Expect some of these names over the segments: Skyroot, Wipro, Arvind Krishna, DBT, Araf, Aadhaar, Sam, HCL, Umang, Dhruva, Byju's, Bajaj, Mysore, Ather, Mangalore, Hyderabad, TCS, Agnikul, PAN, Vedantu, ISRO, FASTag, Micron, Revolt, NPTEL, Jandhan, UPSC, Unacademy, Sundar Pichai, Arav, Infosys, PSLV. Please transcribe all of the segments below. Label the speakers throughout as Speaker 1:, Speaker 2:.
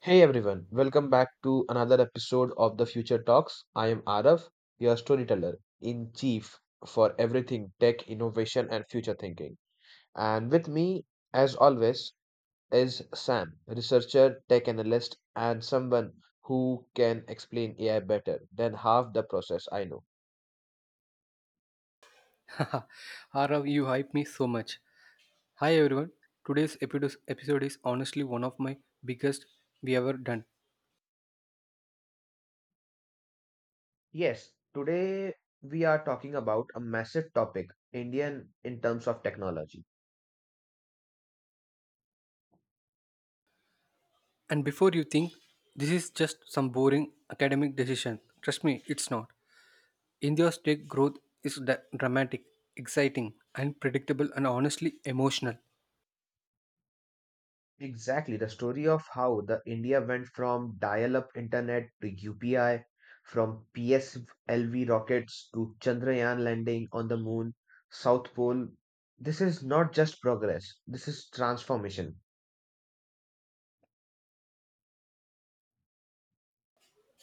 Speaker 1: Hey everyone, welcome back to another episode of the Future Talks. I am Araf, your storyteller in chief for everything tech, innovation, and future thinking. And with me, as always, is Sam, researcher, tech analyst, and someone who can explain AI better than half the process I know.
Speaker 2: Arav, you hype me so much. Hi everyone. Today's episode is honestly one of my biggest we ever done.
Speaker 1: Yes, today we are talking about a massive topic, Indian in terms of technology.
Speaker 2: And before you think this is just some boring academic decision, trust me, it's not. India's tech growth is dramatic, exciting, unpredictable, and honestly emotional.
Speaker 1: Exactly, the story of how the India went from dial-up internet to UPI, from PSLV rockets to Chandrayaan landing on the moon, South Pole. This is not just progress, this is transformation.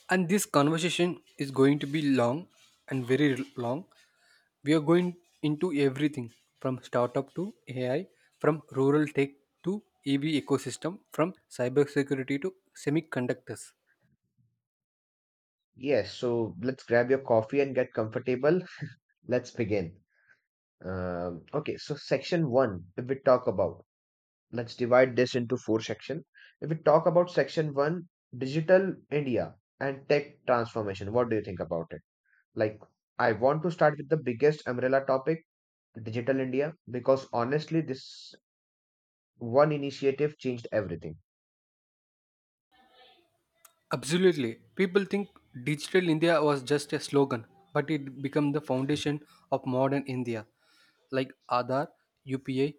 Speaker 2: And this conversation is going to be long and very long. We are going into everything from startup to AI, from rural tech to EV ecosystem, from cybersecurity to semiconductors.
Speaker 1: Yes, so let's grab your coffee and get comfortable. Let's begin. Okay, so section one, if we talk about, let's divide this into four sections. If we talk about section one, digital India and tech transformation, what do you think about it? Like, I want to start with the biggest umbrella topic, Digital India, because honestly, this one initiative changed everything.
Speaker 2: Absolutely. People think digital India was just a slogan, but it became the foundation of modern India. Like Aadhaar, UPI,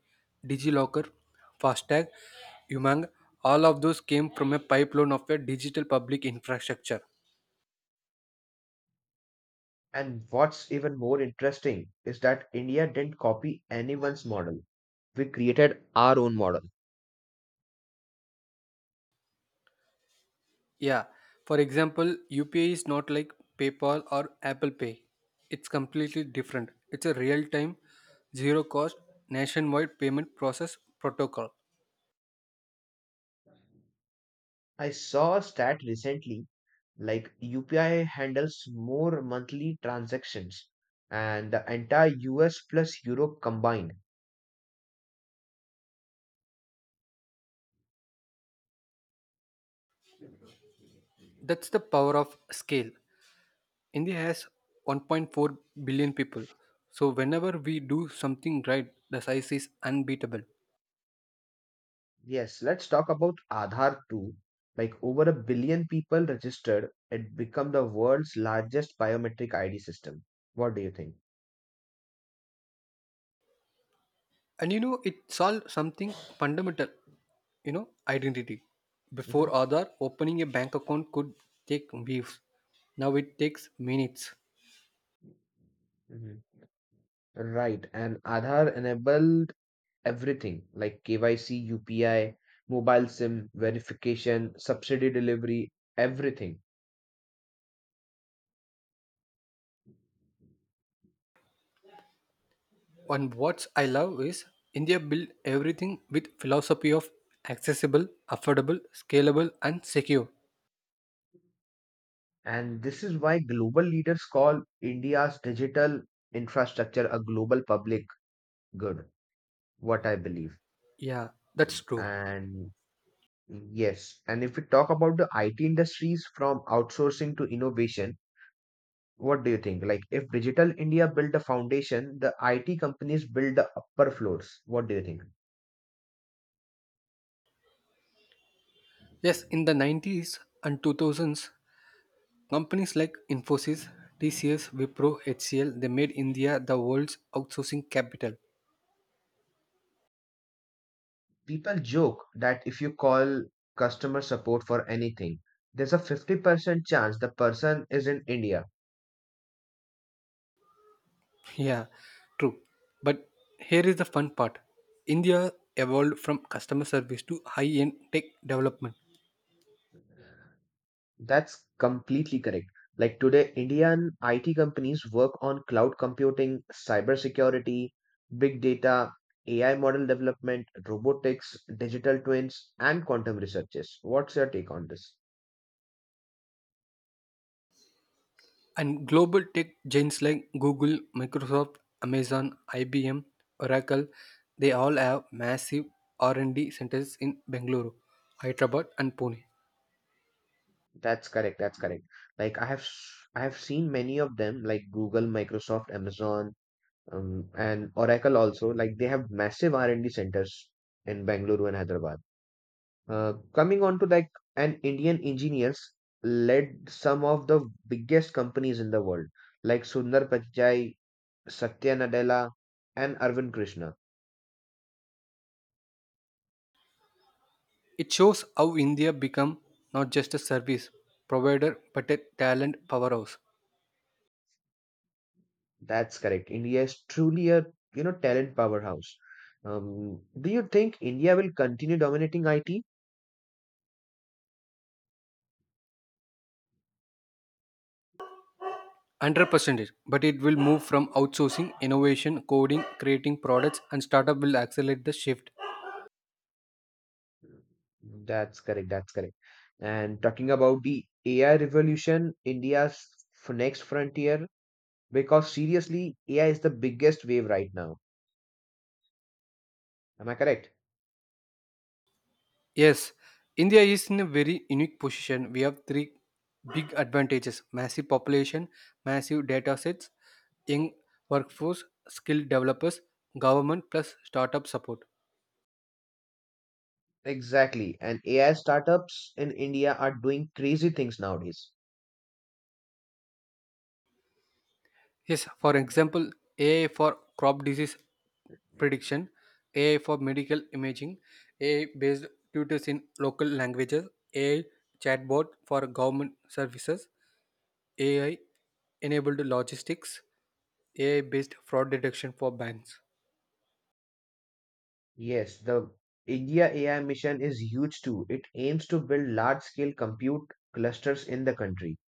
Speaker 2: DigiLocker, FASTag, Umang, all of those came from a pipeline of a digital public infrastructure.
Speaker 1: And what's even more interesting is that India didn't copy anyone's model. We created our own model.
Speaker 2: Yeah. For example, UPI is not like PayPal or Apple Pay. It's completely different. It's a real time, zero cost, nationwide payment process protocol.
Speaker 1: I saw a stat recently like UPI handles more monthly transactions and the entire US plus Europe combined.
Speaker 2: That's the power of scale. India has 1.4 billion people. So, whenever we do something right, the size is unbeatable.
Speaker 1: Yes, let's talk about Aadhaar too. Like over a billion people registered, it become the world's largest biometric ID system. What do you think?
Speaker 2: And you know, it solves something fundamental, identity. Before
Speaker 1: hmm
Speaker 2: Aadhaar, opening a bank account could take weeks. Now it takes minutes.
Speaker 1: hmm. Right, and Aadhaar enabled everything like KYC, UPI, mobile SIM verification, subsidy delivery, everything.
Speaker 2: And what I love is India built everything with philosophy of accessible, affordable, scalable, and secure.
Speaker 1: And this is why global leaders call India's digital infrastructure a global public good, what I believe.
Speaker 2: Yeah, that's true.
Speaker 1: And Yes, and if we talk about the IT industries from outsourcing to innovation, what do you think? Like, if Digital India built the foundation, the IT companies build the upper floors. What do you think?
Speaker 2: Yes, in the 90s and 2000s, companies like Infosys, TCS, Wipro, HCL, they made India the world's outsourcing capital.
Speaker 1: People joke that if you call customer support for anything, there's a 50% chance the person is in India.
Speaker 2: Yeah, true. But here is the fun part. India evolved from customer service to high-end tech development.
Speaker 1: That's completely correct. Like today, Indian IT companies work on cloud computing, cybersecurity, big data, AI model development, robotics, digital twins, and quantum researches. What's your take on this?
Speaker 2: And global tech giants like Google, Microsoft, Amazon, IBM, Oracle, they all have massive R&D centers in Bengaluru, Hyderabad and Pune.
Speaker 1: That's correct. That's correct. I have seen many of them, like Google, Microsoft, Amazon, and Oracle also. Like they have massive R&D centers in Bangalore and Hyderabad. Coming on to like an Indian engineers led some of the biggest companies in the world, like Sundar Pichai, Satya Nadella, and Arvind Krishna.
Speaker 2: It shows how India become not just a service provider but a talent powerhouse.
Speaker 1: That's correct. India is truly a you know talent powerhouse. Do you think India will continue dominating IT?
Speaker 2: 100%, but it will move from outsourcing, innovation, coding, creating products and startup will accelerate the shift.
Speaker 1: That's correct. That's correct. And talking about the AI revolution, next frontier, because seriously, AI is the biggest wave right now. Am I correct?
Speaker 2: Yes, India is in a very unique position. We have three big advantages: massive population, massive data sets, young workforce, skilled developers, government plus startup support.
Speaker 1: Exactly. And AI startups in India are doing crazy things nowadays.
Speaker 2: Yes, for example, AI for crop disease prediction, AI for medical imaging, AI based tutors in local languages, AI chatbot for government services, AI enabled logistics, AI based fraud detection for banks.
Speaker 1: Yes, the India AI mission is huge too. It aims to build large scale compute clusters in the country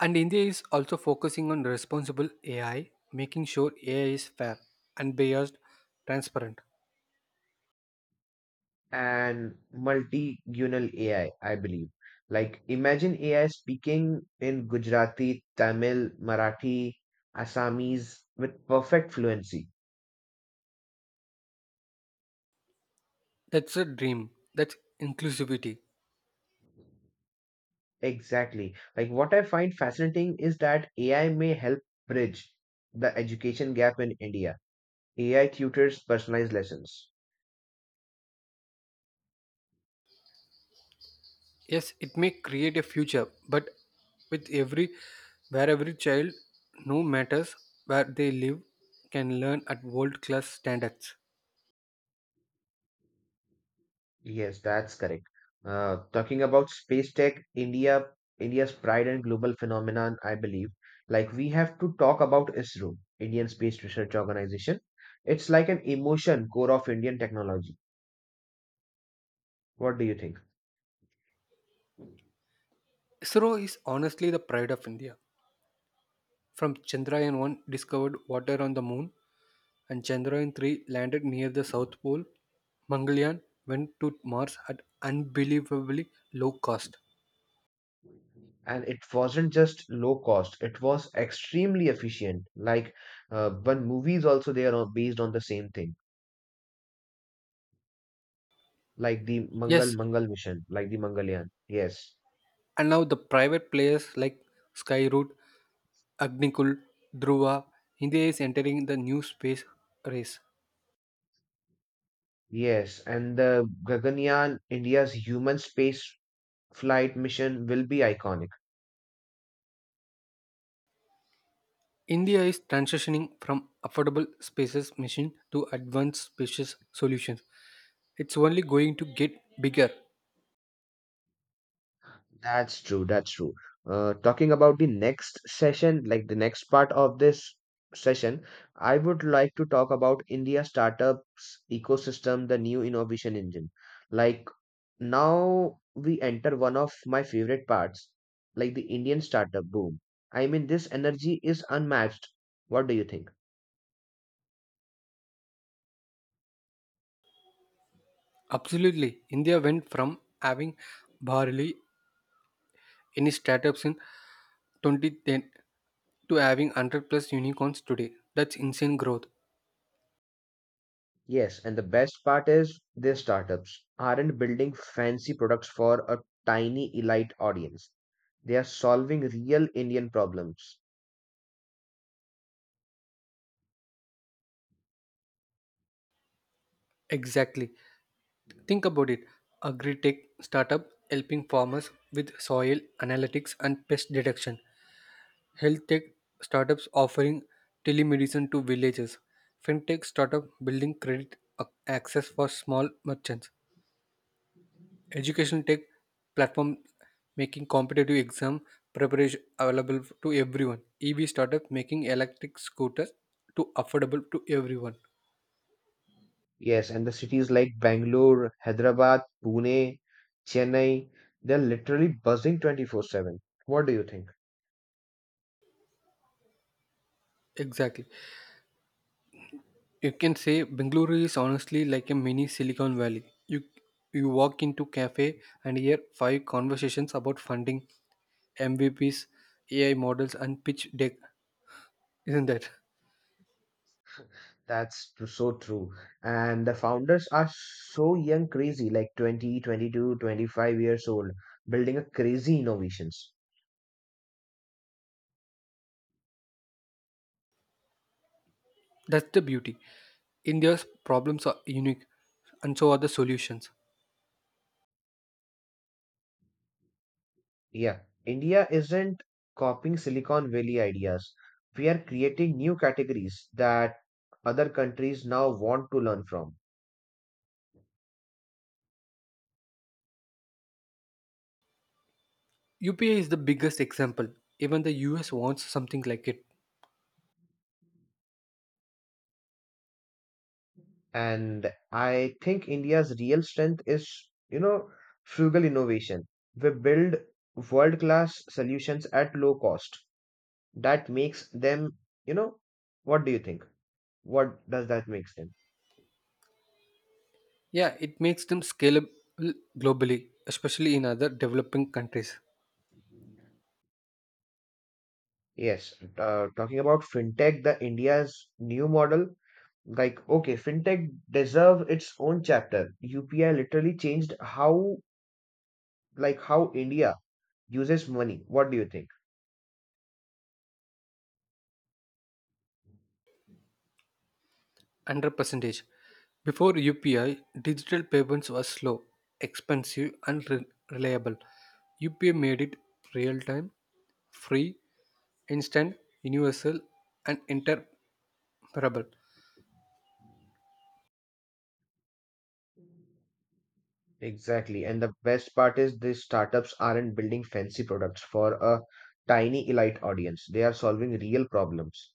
Speaker 2: And India is also focusing on responsible AI, making sure AI is fair, unbiased, transparent.
Speaker 1: and multi-gunal AI, I believe. Like imagine AI speaking in Gujarati, Tamil, Marathi, Assamese with perfect fluency.
Speaker 2: That's a dream. That's inclusivity.
Speaker 1: Exactly. Like what I find fascinating is that AI may help bridge the education gap in India. AI tutors personalized lessons.
Speaker 2: Yes, it may create a future, but with every where every child, no matters where they live, can learn at world class standards.
Speaker 1: Yes, that's correct. Talking about space tech, India's pride and global phenomenon, I believe. Like we have to talk about ISRO, Indian Space Research Organization. It's like an emotion core of Indian technology. What do you think?
Speaker 2: ISRO is honestly the pride of India. From Chandrayaan 1 discovered water on the moon and Chandrayaan 3 landed near the South Pole, Mangalyaan went to Mars at unbelievably low cost.
Speaker 1: And it wasn't just low cost; it was extremely efficient. Like one movies also they are based on the same thing, like the Mangal
Speaker 2: Yes,
Speaker 1: Mangal mission, like the Mangalyaan. Yes.
Speaker 2: and now the private players like Skyroot, Agnikul, Dhruva, India is entering the new space race.
Speaker 1: Yes, and the Gaganyaan, India's human space flight mission will be iconic.
Speaker 2: India is transitioning from affordable spaces machine to advanced spacious solutions. It's only going to get bigger.
Speaker 1: That's true, that's true. Talking about the next session, like the next part of this session, I would like to talk about India startups ecosystem, the new innovation engine. Like now we enter one of my favorite parts, like the Indian startup boom. I mean, this energy is unmatched. What do you think?
Speaker 2: Absolutely. India went from having barely any startups in 2010 to having 100 plus unicorns today. That's insane growth.
Speaker 1: Yes, and the best part is their startups aren't building fancy products for a tiny elite audience. They are solving real Indian problems.
Speaker 2: Exactly. Think about it. Agri-tech startup helping farmers with soil analytics and pest detection. Health tech startups offering telemedicine to villages. Fintech startup building credit access for small merchants. Education tech platform making competitive exam preparation available to everyone. EV startup making electric scooters to affordable to everyone.
Speaker 1: Yes, and the cities like Bangalore, Hyderabad, Pune, Chennai, they're literally buzzing 24/7. What do you think?
Speaker 2: Exactly. You can say Bengaluru is honestly like a mini Silicon Valley. You walk into cafe and hear five conversations about funding, MVPs, AI models, and pitch deck. Isn't that?
Speaker 1: So true. And the founders are so young, crazy, like 20, 22, 25 years old, building a crazy innovations.
Speaker 2: That's the beauty. India's problems are unique, and so are the solutions.
Speaker 1: Yeah, India isn't copying Silicon Valley ideas. We are creating new categories that other countries now want to learn from.
Speaker 2: UPI is the biggest example. Even the US wants something like it.
Speaker 1: And I think India's real strength is, you know, frugal innovation. We build world-class solutions at low cost. That makes them, you know, what do you think? What does that makes them?
Speaker 2: Yeah, it makes them scalable globally, especially in other developing countries.
Speaker 1: Yes, talking about fintech, the India's new model like okay fintech deserve its own chapter upi literally changed how like how india uses money what do you think
Speaker 2: Under percentage. Before UPI, digital payments were slow, expensive, and reliable. UPI made it real time, free, instant, universal, and interoperable.
Speaker 1: exactly and the best part is these startups aren't building fancy products for a tiny elite audience they are solving real problems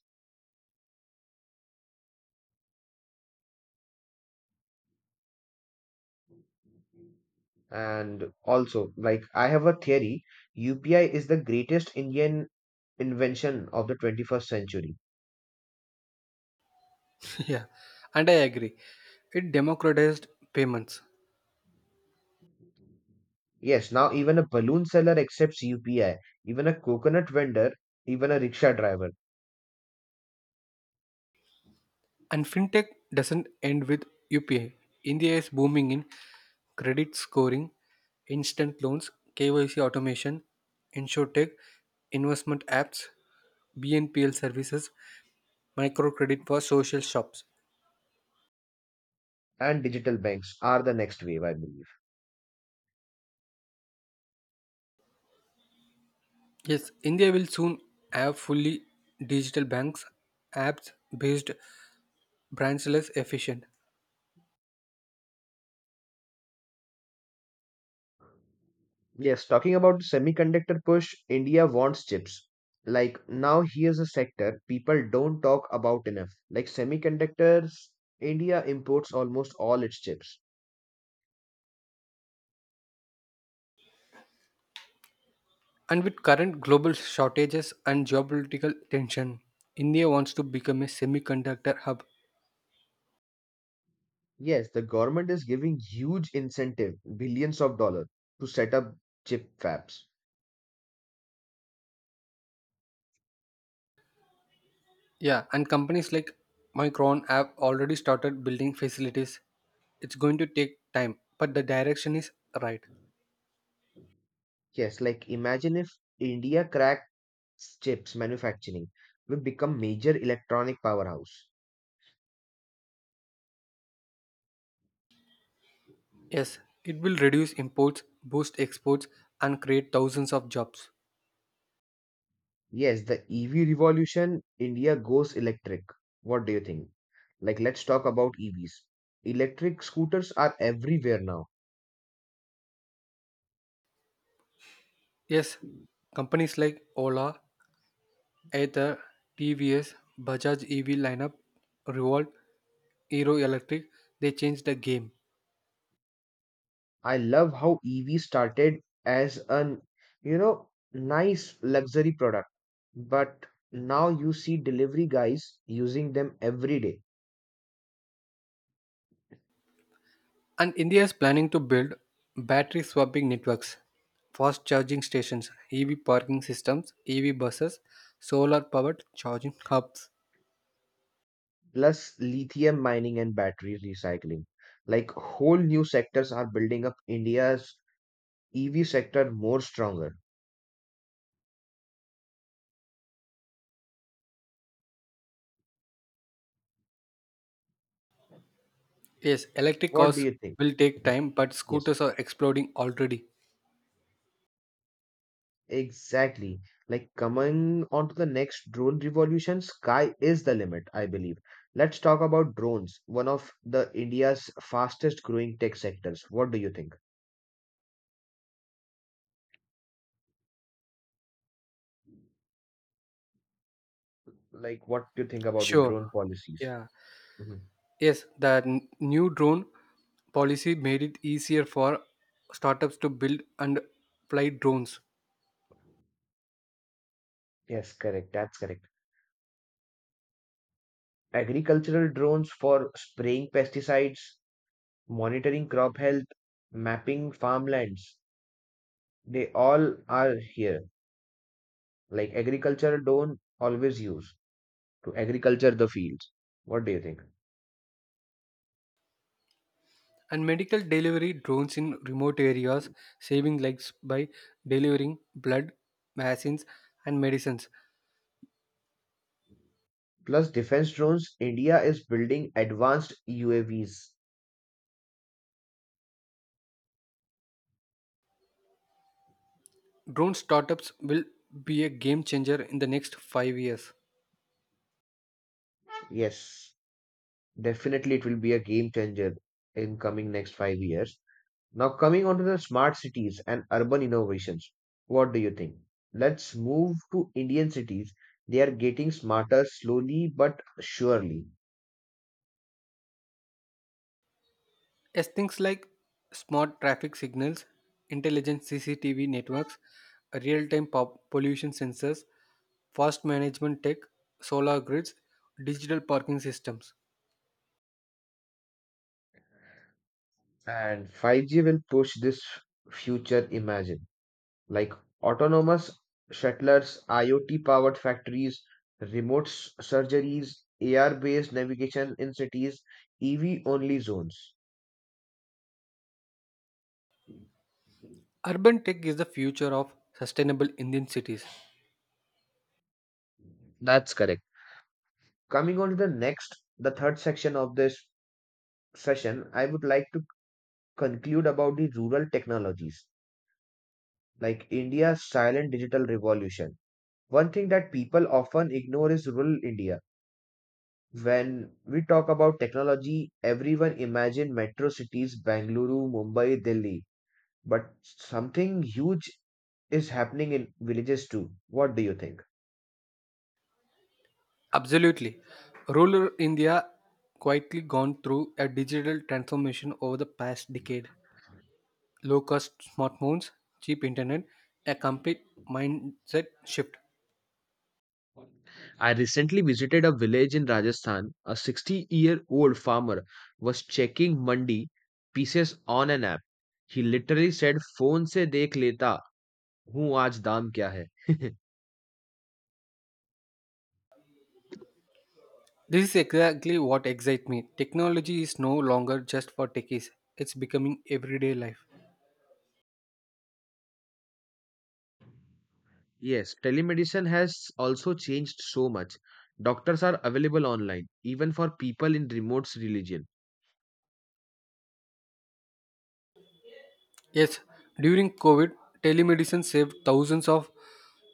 Speaker 1: and also like I have a theory upi is the greatest indian invention of the 21st century
Speaker 2: Yeah, and I agree. It democratized payments.
Speaker 1: yes now even a balloon seller accepts upi even a coconut vendor even a rickshaw driver
Speaker 2: And fintech doesn't end with UPI. India is booming in credit scoring, instant loans, KYC automation, insurtech, investment apps, BNPL services, microcredit for social shops.
Speaker 1: and digital banks are the next wave, I believe.
Speaker 2: Yes, India will soon have fully digital banks, apps based, branchless, efficient.
Speaker 1: Yes, talking about the semiconductor push, India wants chips. Like now, here's a sector people don't talk about enough. Like semiconductors, India imports almost all its chips.
Speaker 2: And with current global shortages and geopolitical tension, India wants to become a semiconductor hub.
Speaker 1: Yes, the government is giving huge incentive, billions of dollars, to set up chip fabs.
Speaker 2: Yeah, and companies like Micron have already started building facilities. It's going to take time, but the direction is right.
Speaker 1: Yes, like imagine if India cracks chips manufacturing, we become major electronic powerhouse.
Speaker 2: Yes, it will reduce imports, boost exports, and create thousands of jobs.
Speaker 1: Yes, the EV revolution, India goes electric. What do you think? Like, let's talk about EVs. Electric scooters are everywhere now.
Speaker 2: Yes, companies like Ola, Ather, TVS, Bajaj EV lineup, Revolt, Hero Electric, they changed the game.
Speaker 1: I love how EV started as an, you know, nice luxury product, but now you see delivery guys using them every day,
Speaker 2: And India is planning to build battery swapping networks, fast charging stations, EV parking systems, EV buses, solar powered charging hubs.
Speaker 1: plus lithium mining and battery recycling. Like, whole new sectors are building up India's EV sector more stronger.
Speaker 2: Yes, electric
Speaker 1: What do
Speaker 2: cars
Speaker 1: you think?
Speaker 2: will take
Speaker 1: Mhm.
Speaker 2: time, but
Speaker 1: Yes.
Speaker 2: scooters are exploding already.
Speaker 1: Exactly. Like coming on to the next drone revolution, sky is the limit, I believe. Let's talk about drones, one of the India's fastest growing tech sectors. What do you think? Like, what do you think about the
Speaker 2: Sure,
Speaker 1: drone policies?
Speaker 2: yeah.
Speaker 1: Mhm.
Speaker 2: Yes, the new drone policy made it easier for startups to build and fly drones
Speaker 1: Yes, correct. That's correct. Agricultural drones for spraying pesticides, monitoring crop health, mapping farmlands. They all are here. Like agricultural drone always use to agriculture the fields. What do you think?
Speaker 2: and medical delivery drones in remote areas, saving lives by delivering blood, vaccines, and medicines.
Speaker 1: Plus defense drones, India is building advanced UAVs.
Speaker 2: Drone startups will be a game changer in the next 5 years.
Speaker 1: Yes, definitely it will be a game changer in coming next 5 years. Now coming on to the smart cities and urban innovations. What do you think? Let's move to Indian cities. They are getting smarter slowly but surely.
Speaker 2: As things like smart traffic signals, intelligent CCTV networks, real time pollution sensors, fast management tech, solar grids, digital parking systems.
Speaker 1: And 5G will push this future imagine. Like autonomous shuttlers, IoT-powered factories, surgeries, AR-based navigation in cities, EV-only zones.
Speaker 2: Urban tech is the future of sustainable Indian cities.
Speaker 1: That's correct. Coming on to the next, the third section of this session, I would like to conclude about the rural technologies, like India's silent digital revolution. One thing that people often ignore is rural India. When we talk about technology, everyone imagine metro cities, Bangalore, Mumbai, Delhi. But something huge is happening in villages too. What do you think?
Speaker 2: Absolutely. Rural India quietly gone through a digital transformation over the past decade. Low cost smartphones, cheap internet, a complete mindset shift.
Speaker 1: I recently visited a village in Rajasthan. A 60-year-old farmer was checking mandi pieces on an app. He literally said, Phone se dekh leta हूँ आज दाम क्या है
Speaker 2: This is exactly what excites me. Technology is no longer just for techies, it's becoming everyday life.
Speaker 1: Yes, telemedicine has also changed so much. Doctors are available online, even for people in remote religion.
Speaker 2: Yes, during COVID, telemedicine saved thousands of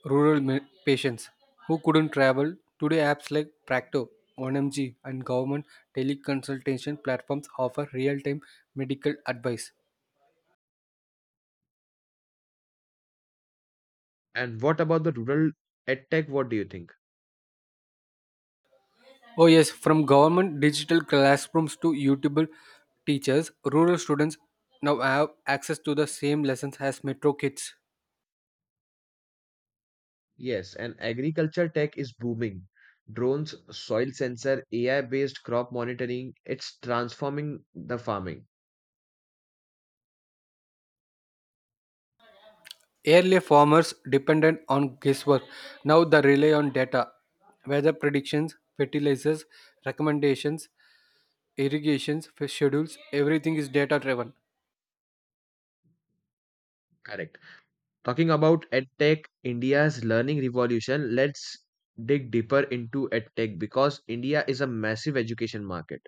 Speaker 2: rural patients who couldn't travel. Today, apps like Practo, 1MG, and government teleconsultation platforms offer real time medical advice.
Speaker 1: And what about the rural edtech? What do you think?
Speaker 2: Oh, yes, from government digital classrooms to YouTube teachers, rural students now have access to the same lessons as metro kids.
Speaker 1: Yes, and agriculture tech is booming. Drones, soil sensor, AI-based crop monitoring, it's transforming the farming.
Speaker 2: Earlier, farmers depended on guesswork. Now, they rely on data, weather predictions, fertilizers, recommendations, irrigations, fish schedules. Everything is data driven.
Speaker 1: Correct. Talking about EdTech, India's learning revolution, let's dig deeper into EdTech because India is a massive education market.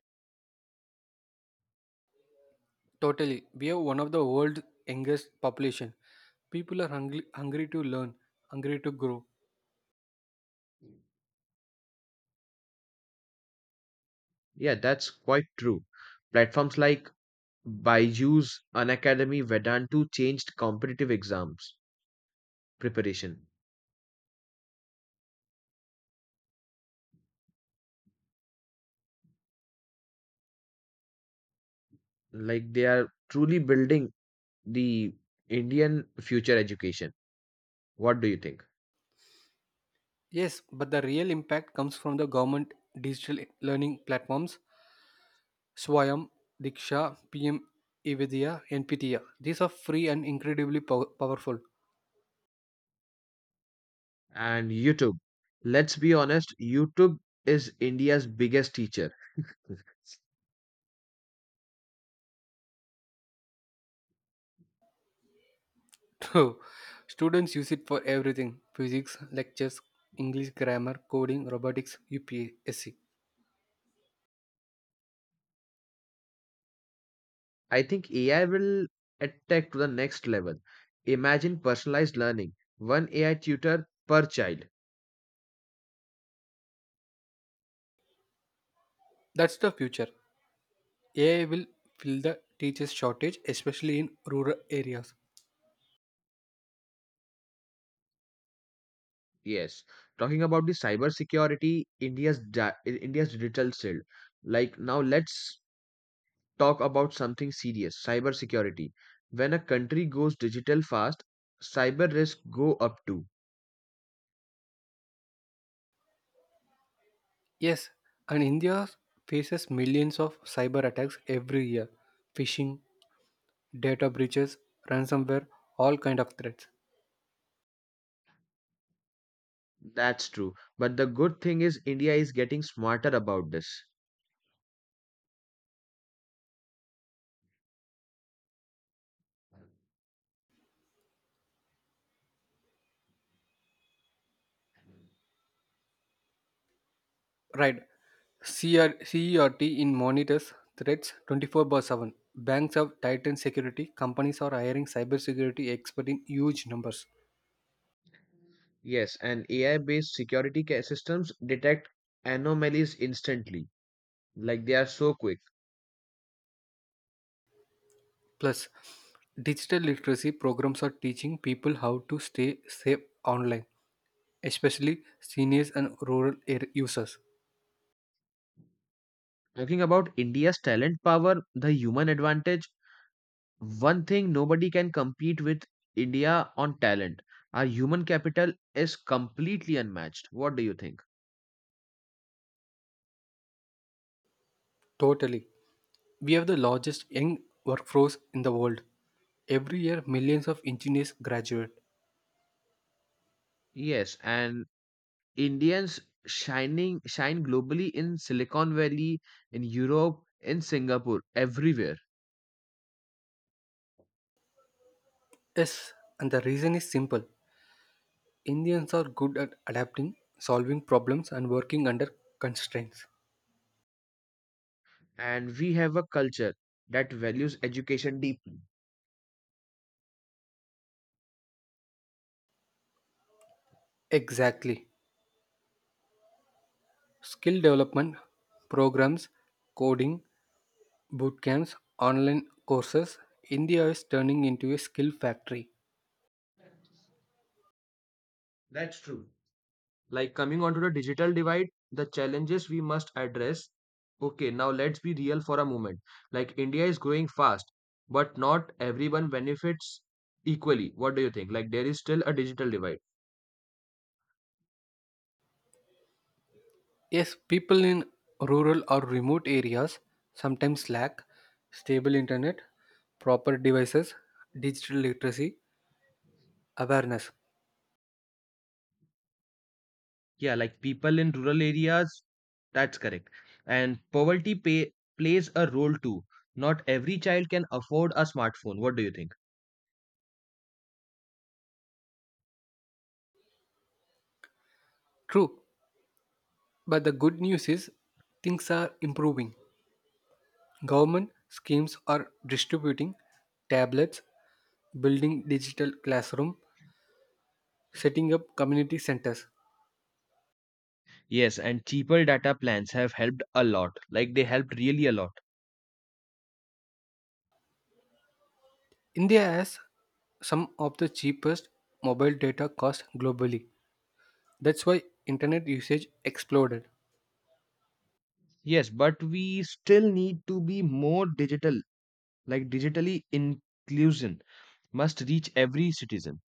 Speaker 2: Totally, we have one of the world's youngest population. People are hungry, hungry to learn, hungry to grow.
Speaker 1: Yeah, that's quite true. Platforms like Byju's, Unacademy, Vedantu changed competitive exams preparation. Like they are truly building the Indian future education. What do you think?
Speaker 2: Yes, but the real impact comes from the government digital learning platforms, Swayam, Diksha, PM Evidya, NPTEL. These are free and incredibly powerful.
Speaker 1: And YouTube. Let's be honest, YouTube is India's biggest teacher.
Speaker 2: So, students use it for everything physics, lectures, English grammar, coding, robotics, UPSC.
Speaker 1: I think AI will attack to the next level. Imagine personalized learning, one AI tutor per child.
Speaker 2: That's the future. AI will fill the teachers' shortage, especially in rural areas.
Speaker 1: Yes. Talking about the cyber security, India's digital shield. Like now, let's talk about something serious: cyber security. When a country goes digital fast, cyber risks go up too.
Speaker 2: Yes, and India faces millions of cyber attacks every year phishing, data breaches, ransomware, all kind of threats.
Speaker 1: That's true. But the good thing is India is getting smarter about this.
Speaker 2: Right. CR, CERT in monitors threats 24 by 7. Banks have tightened security. Companies are hiring cybersecurity experts in huge numbers.
Speaker 1: Yes, and AI-based security systems detect anomalies instantly. Like they are so quick.
Speaker 2: Plus, digital literacy programs are teaching people how to stay safe online, especially seniors and rural air users.
Speaker 1: Talking about India's talent power, the human advantage, one thing nobody can compete with India on talent. Our human capital is completely unmatched. What do you think?
Speaker 2: Totally. We have the largest young workforce in the world. Every year, millions of engineers graduate.
Speaker 1: Yes, and Indians shining shine globally in Silicon Valley, in Europe, in Singapore, everywhere.
Speaker 2: Yes, and the reason is simple. Indians are good at adapting, solving problems, and working under constraints.
Speaker 1: And we have a culture that values education deeply.
Speaker 2: Exactly. Skill development programs, coding, boot camps, online courses. India is turning into a skill factory.
Speaker 1: That's true. Like coming onto the digital divide, the challenges we must address. Okay, now let's be real for a moment. Like India is growing fast, but not everyone benefits equally. What do you think? Like there is still a digital divide.
Speaker 2: Yes, people in rural or remote areas sometimes lack stable internet, proper devices, digital literacy, awareness.
Speaker 1: Yeah, like people in rural areas, that's correct. And poverty pay, plays a role too. Not every child can afford a smartphone. What do you think?
Speaker 2: True, but the good news is things are improving. Government schemes are distributing tablets, building digital classroom, setting up community centers.
Speaker 1: Yes, and cheaper data plans have helped a lot. Like they helped really a lot.
Speaker 2: India has some of the cheapest mobile data cost globally. That's why internet usage exploded.
Speaker 1: Yes, but we still need to be more digital. Like digitally inclusion must reach every citizen.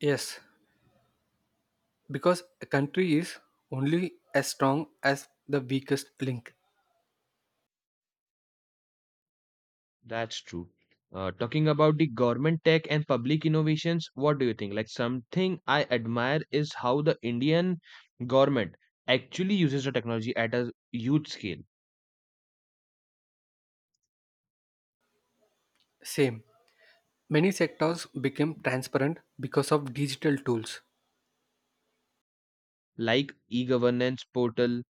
Speaker 2: Yes, because a country is only as strong as the weakest link.
Speaker 1: That's true. Talking about the government tech and public innovations, what do you think? Like something I admire is how the Indian government actually uses the technology at a huge scale,
Speaker 2: Same. Many sectors became transparent because of digital tools.
Speaker 1: like e-governance portal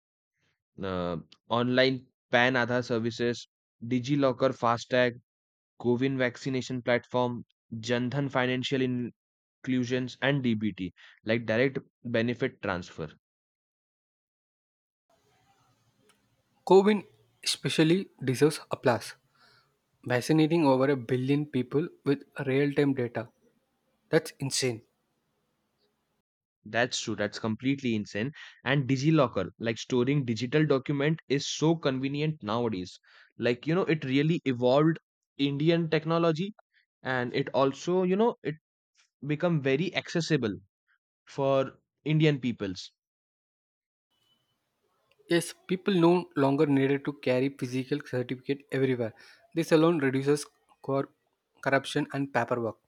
Speaker 1: uh, online PAN Aadhaar services, DigiLocker FASTag, Govin vaccination platform, Jandhan financial inclusions, and DBT, like direct benefit transfer.
Speaker 2: COVID especially deserves applause. Vaccinating over a billion people with real time data. That's insane.
Speaker 1: That's true. That's completely insane. And DigiLocker, like storing digital document, is so convenient nowadays. Like you know, it really evolved Indian technology, and it also you know it become very accessible for Indian peoples.
Speaker 2: Yes, people no longer needed to carry physical certificate everywhere. This alone reduces cor- corruption and paperwork.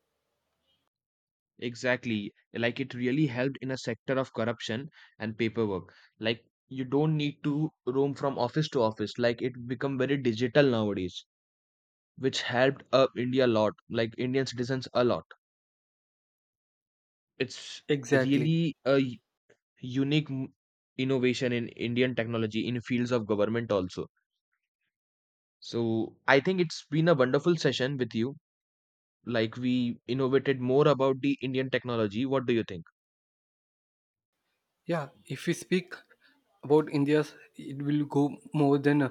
Speaker 1: Exactly. Like it really helped in a sector of corruption and paperwork. Like you don't need to roam from office to office. Like it become very digital nowadays, which helped India a lot, like Indian citizens a lot. It's
Speaker 2: Exactly.
Speaker 1: really a unique innovation in Indian technology in fields of government also. So I think it's been a wonderful session with you. Like we innovated more about the Indian technology. What do you think?
Speaker 2: Yeah, if we speak about India's, it will go more than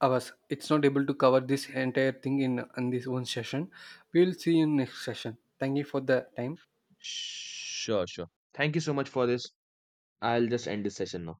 Speaker 2: hours. It's not able to cover this entire thing in this one session. We'll see you in next session. Thank you for the time.
Speaker 1: Sure, sure. Thank you so much for this. I'll just end this session now.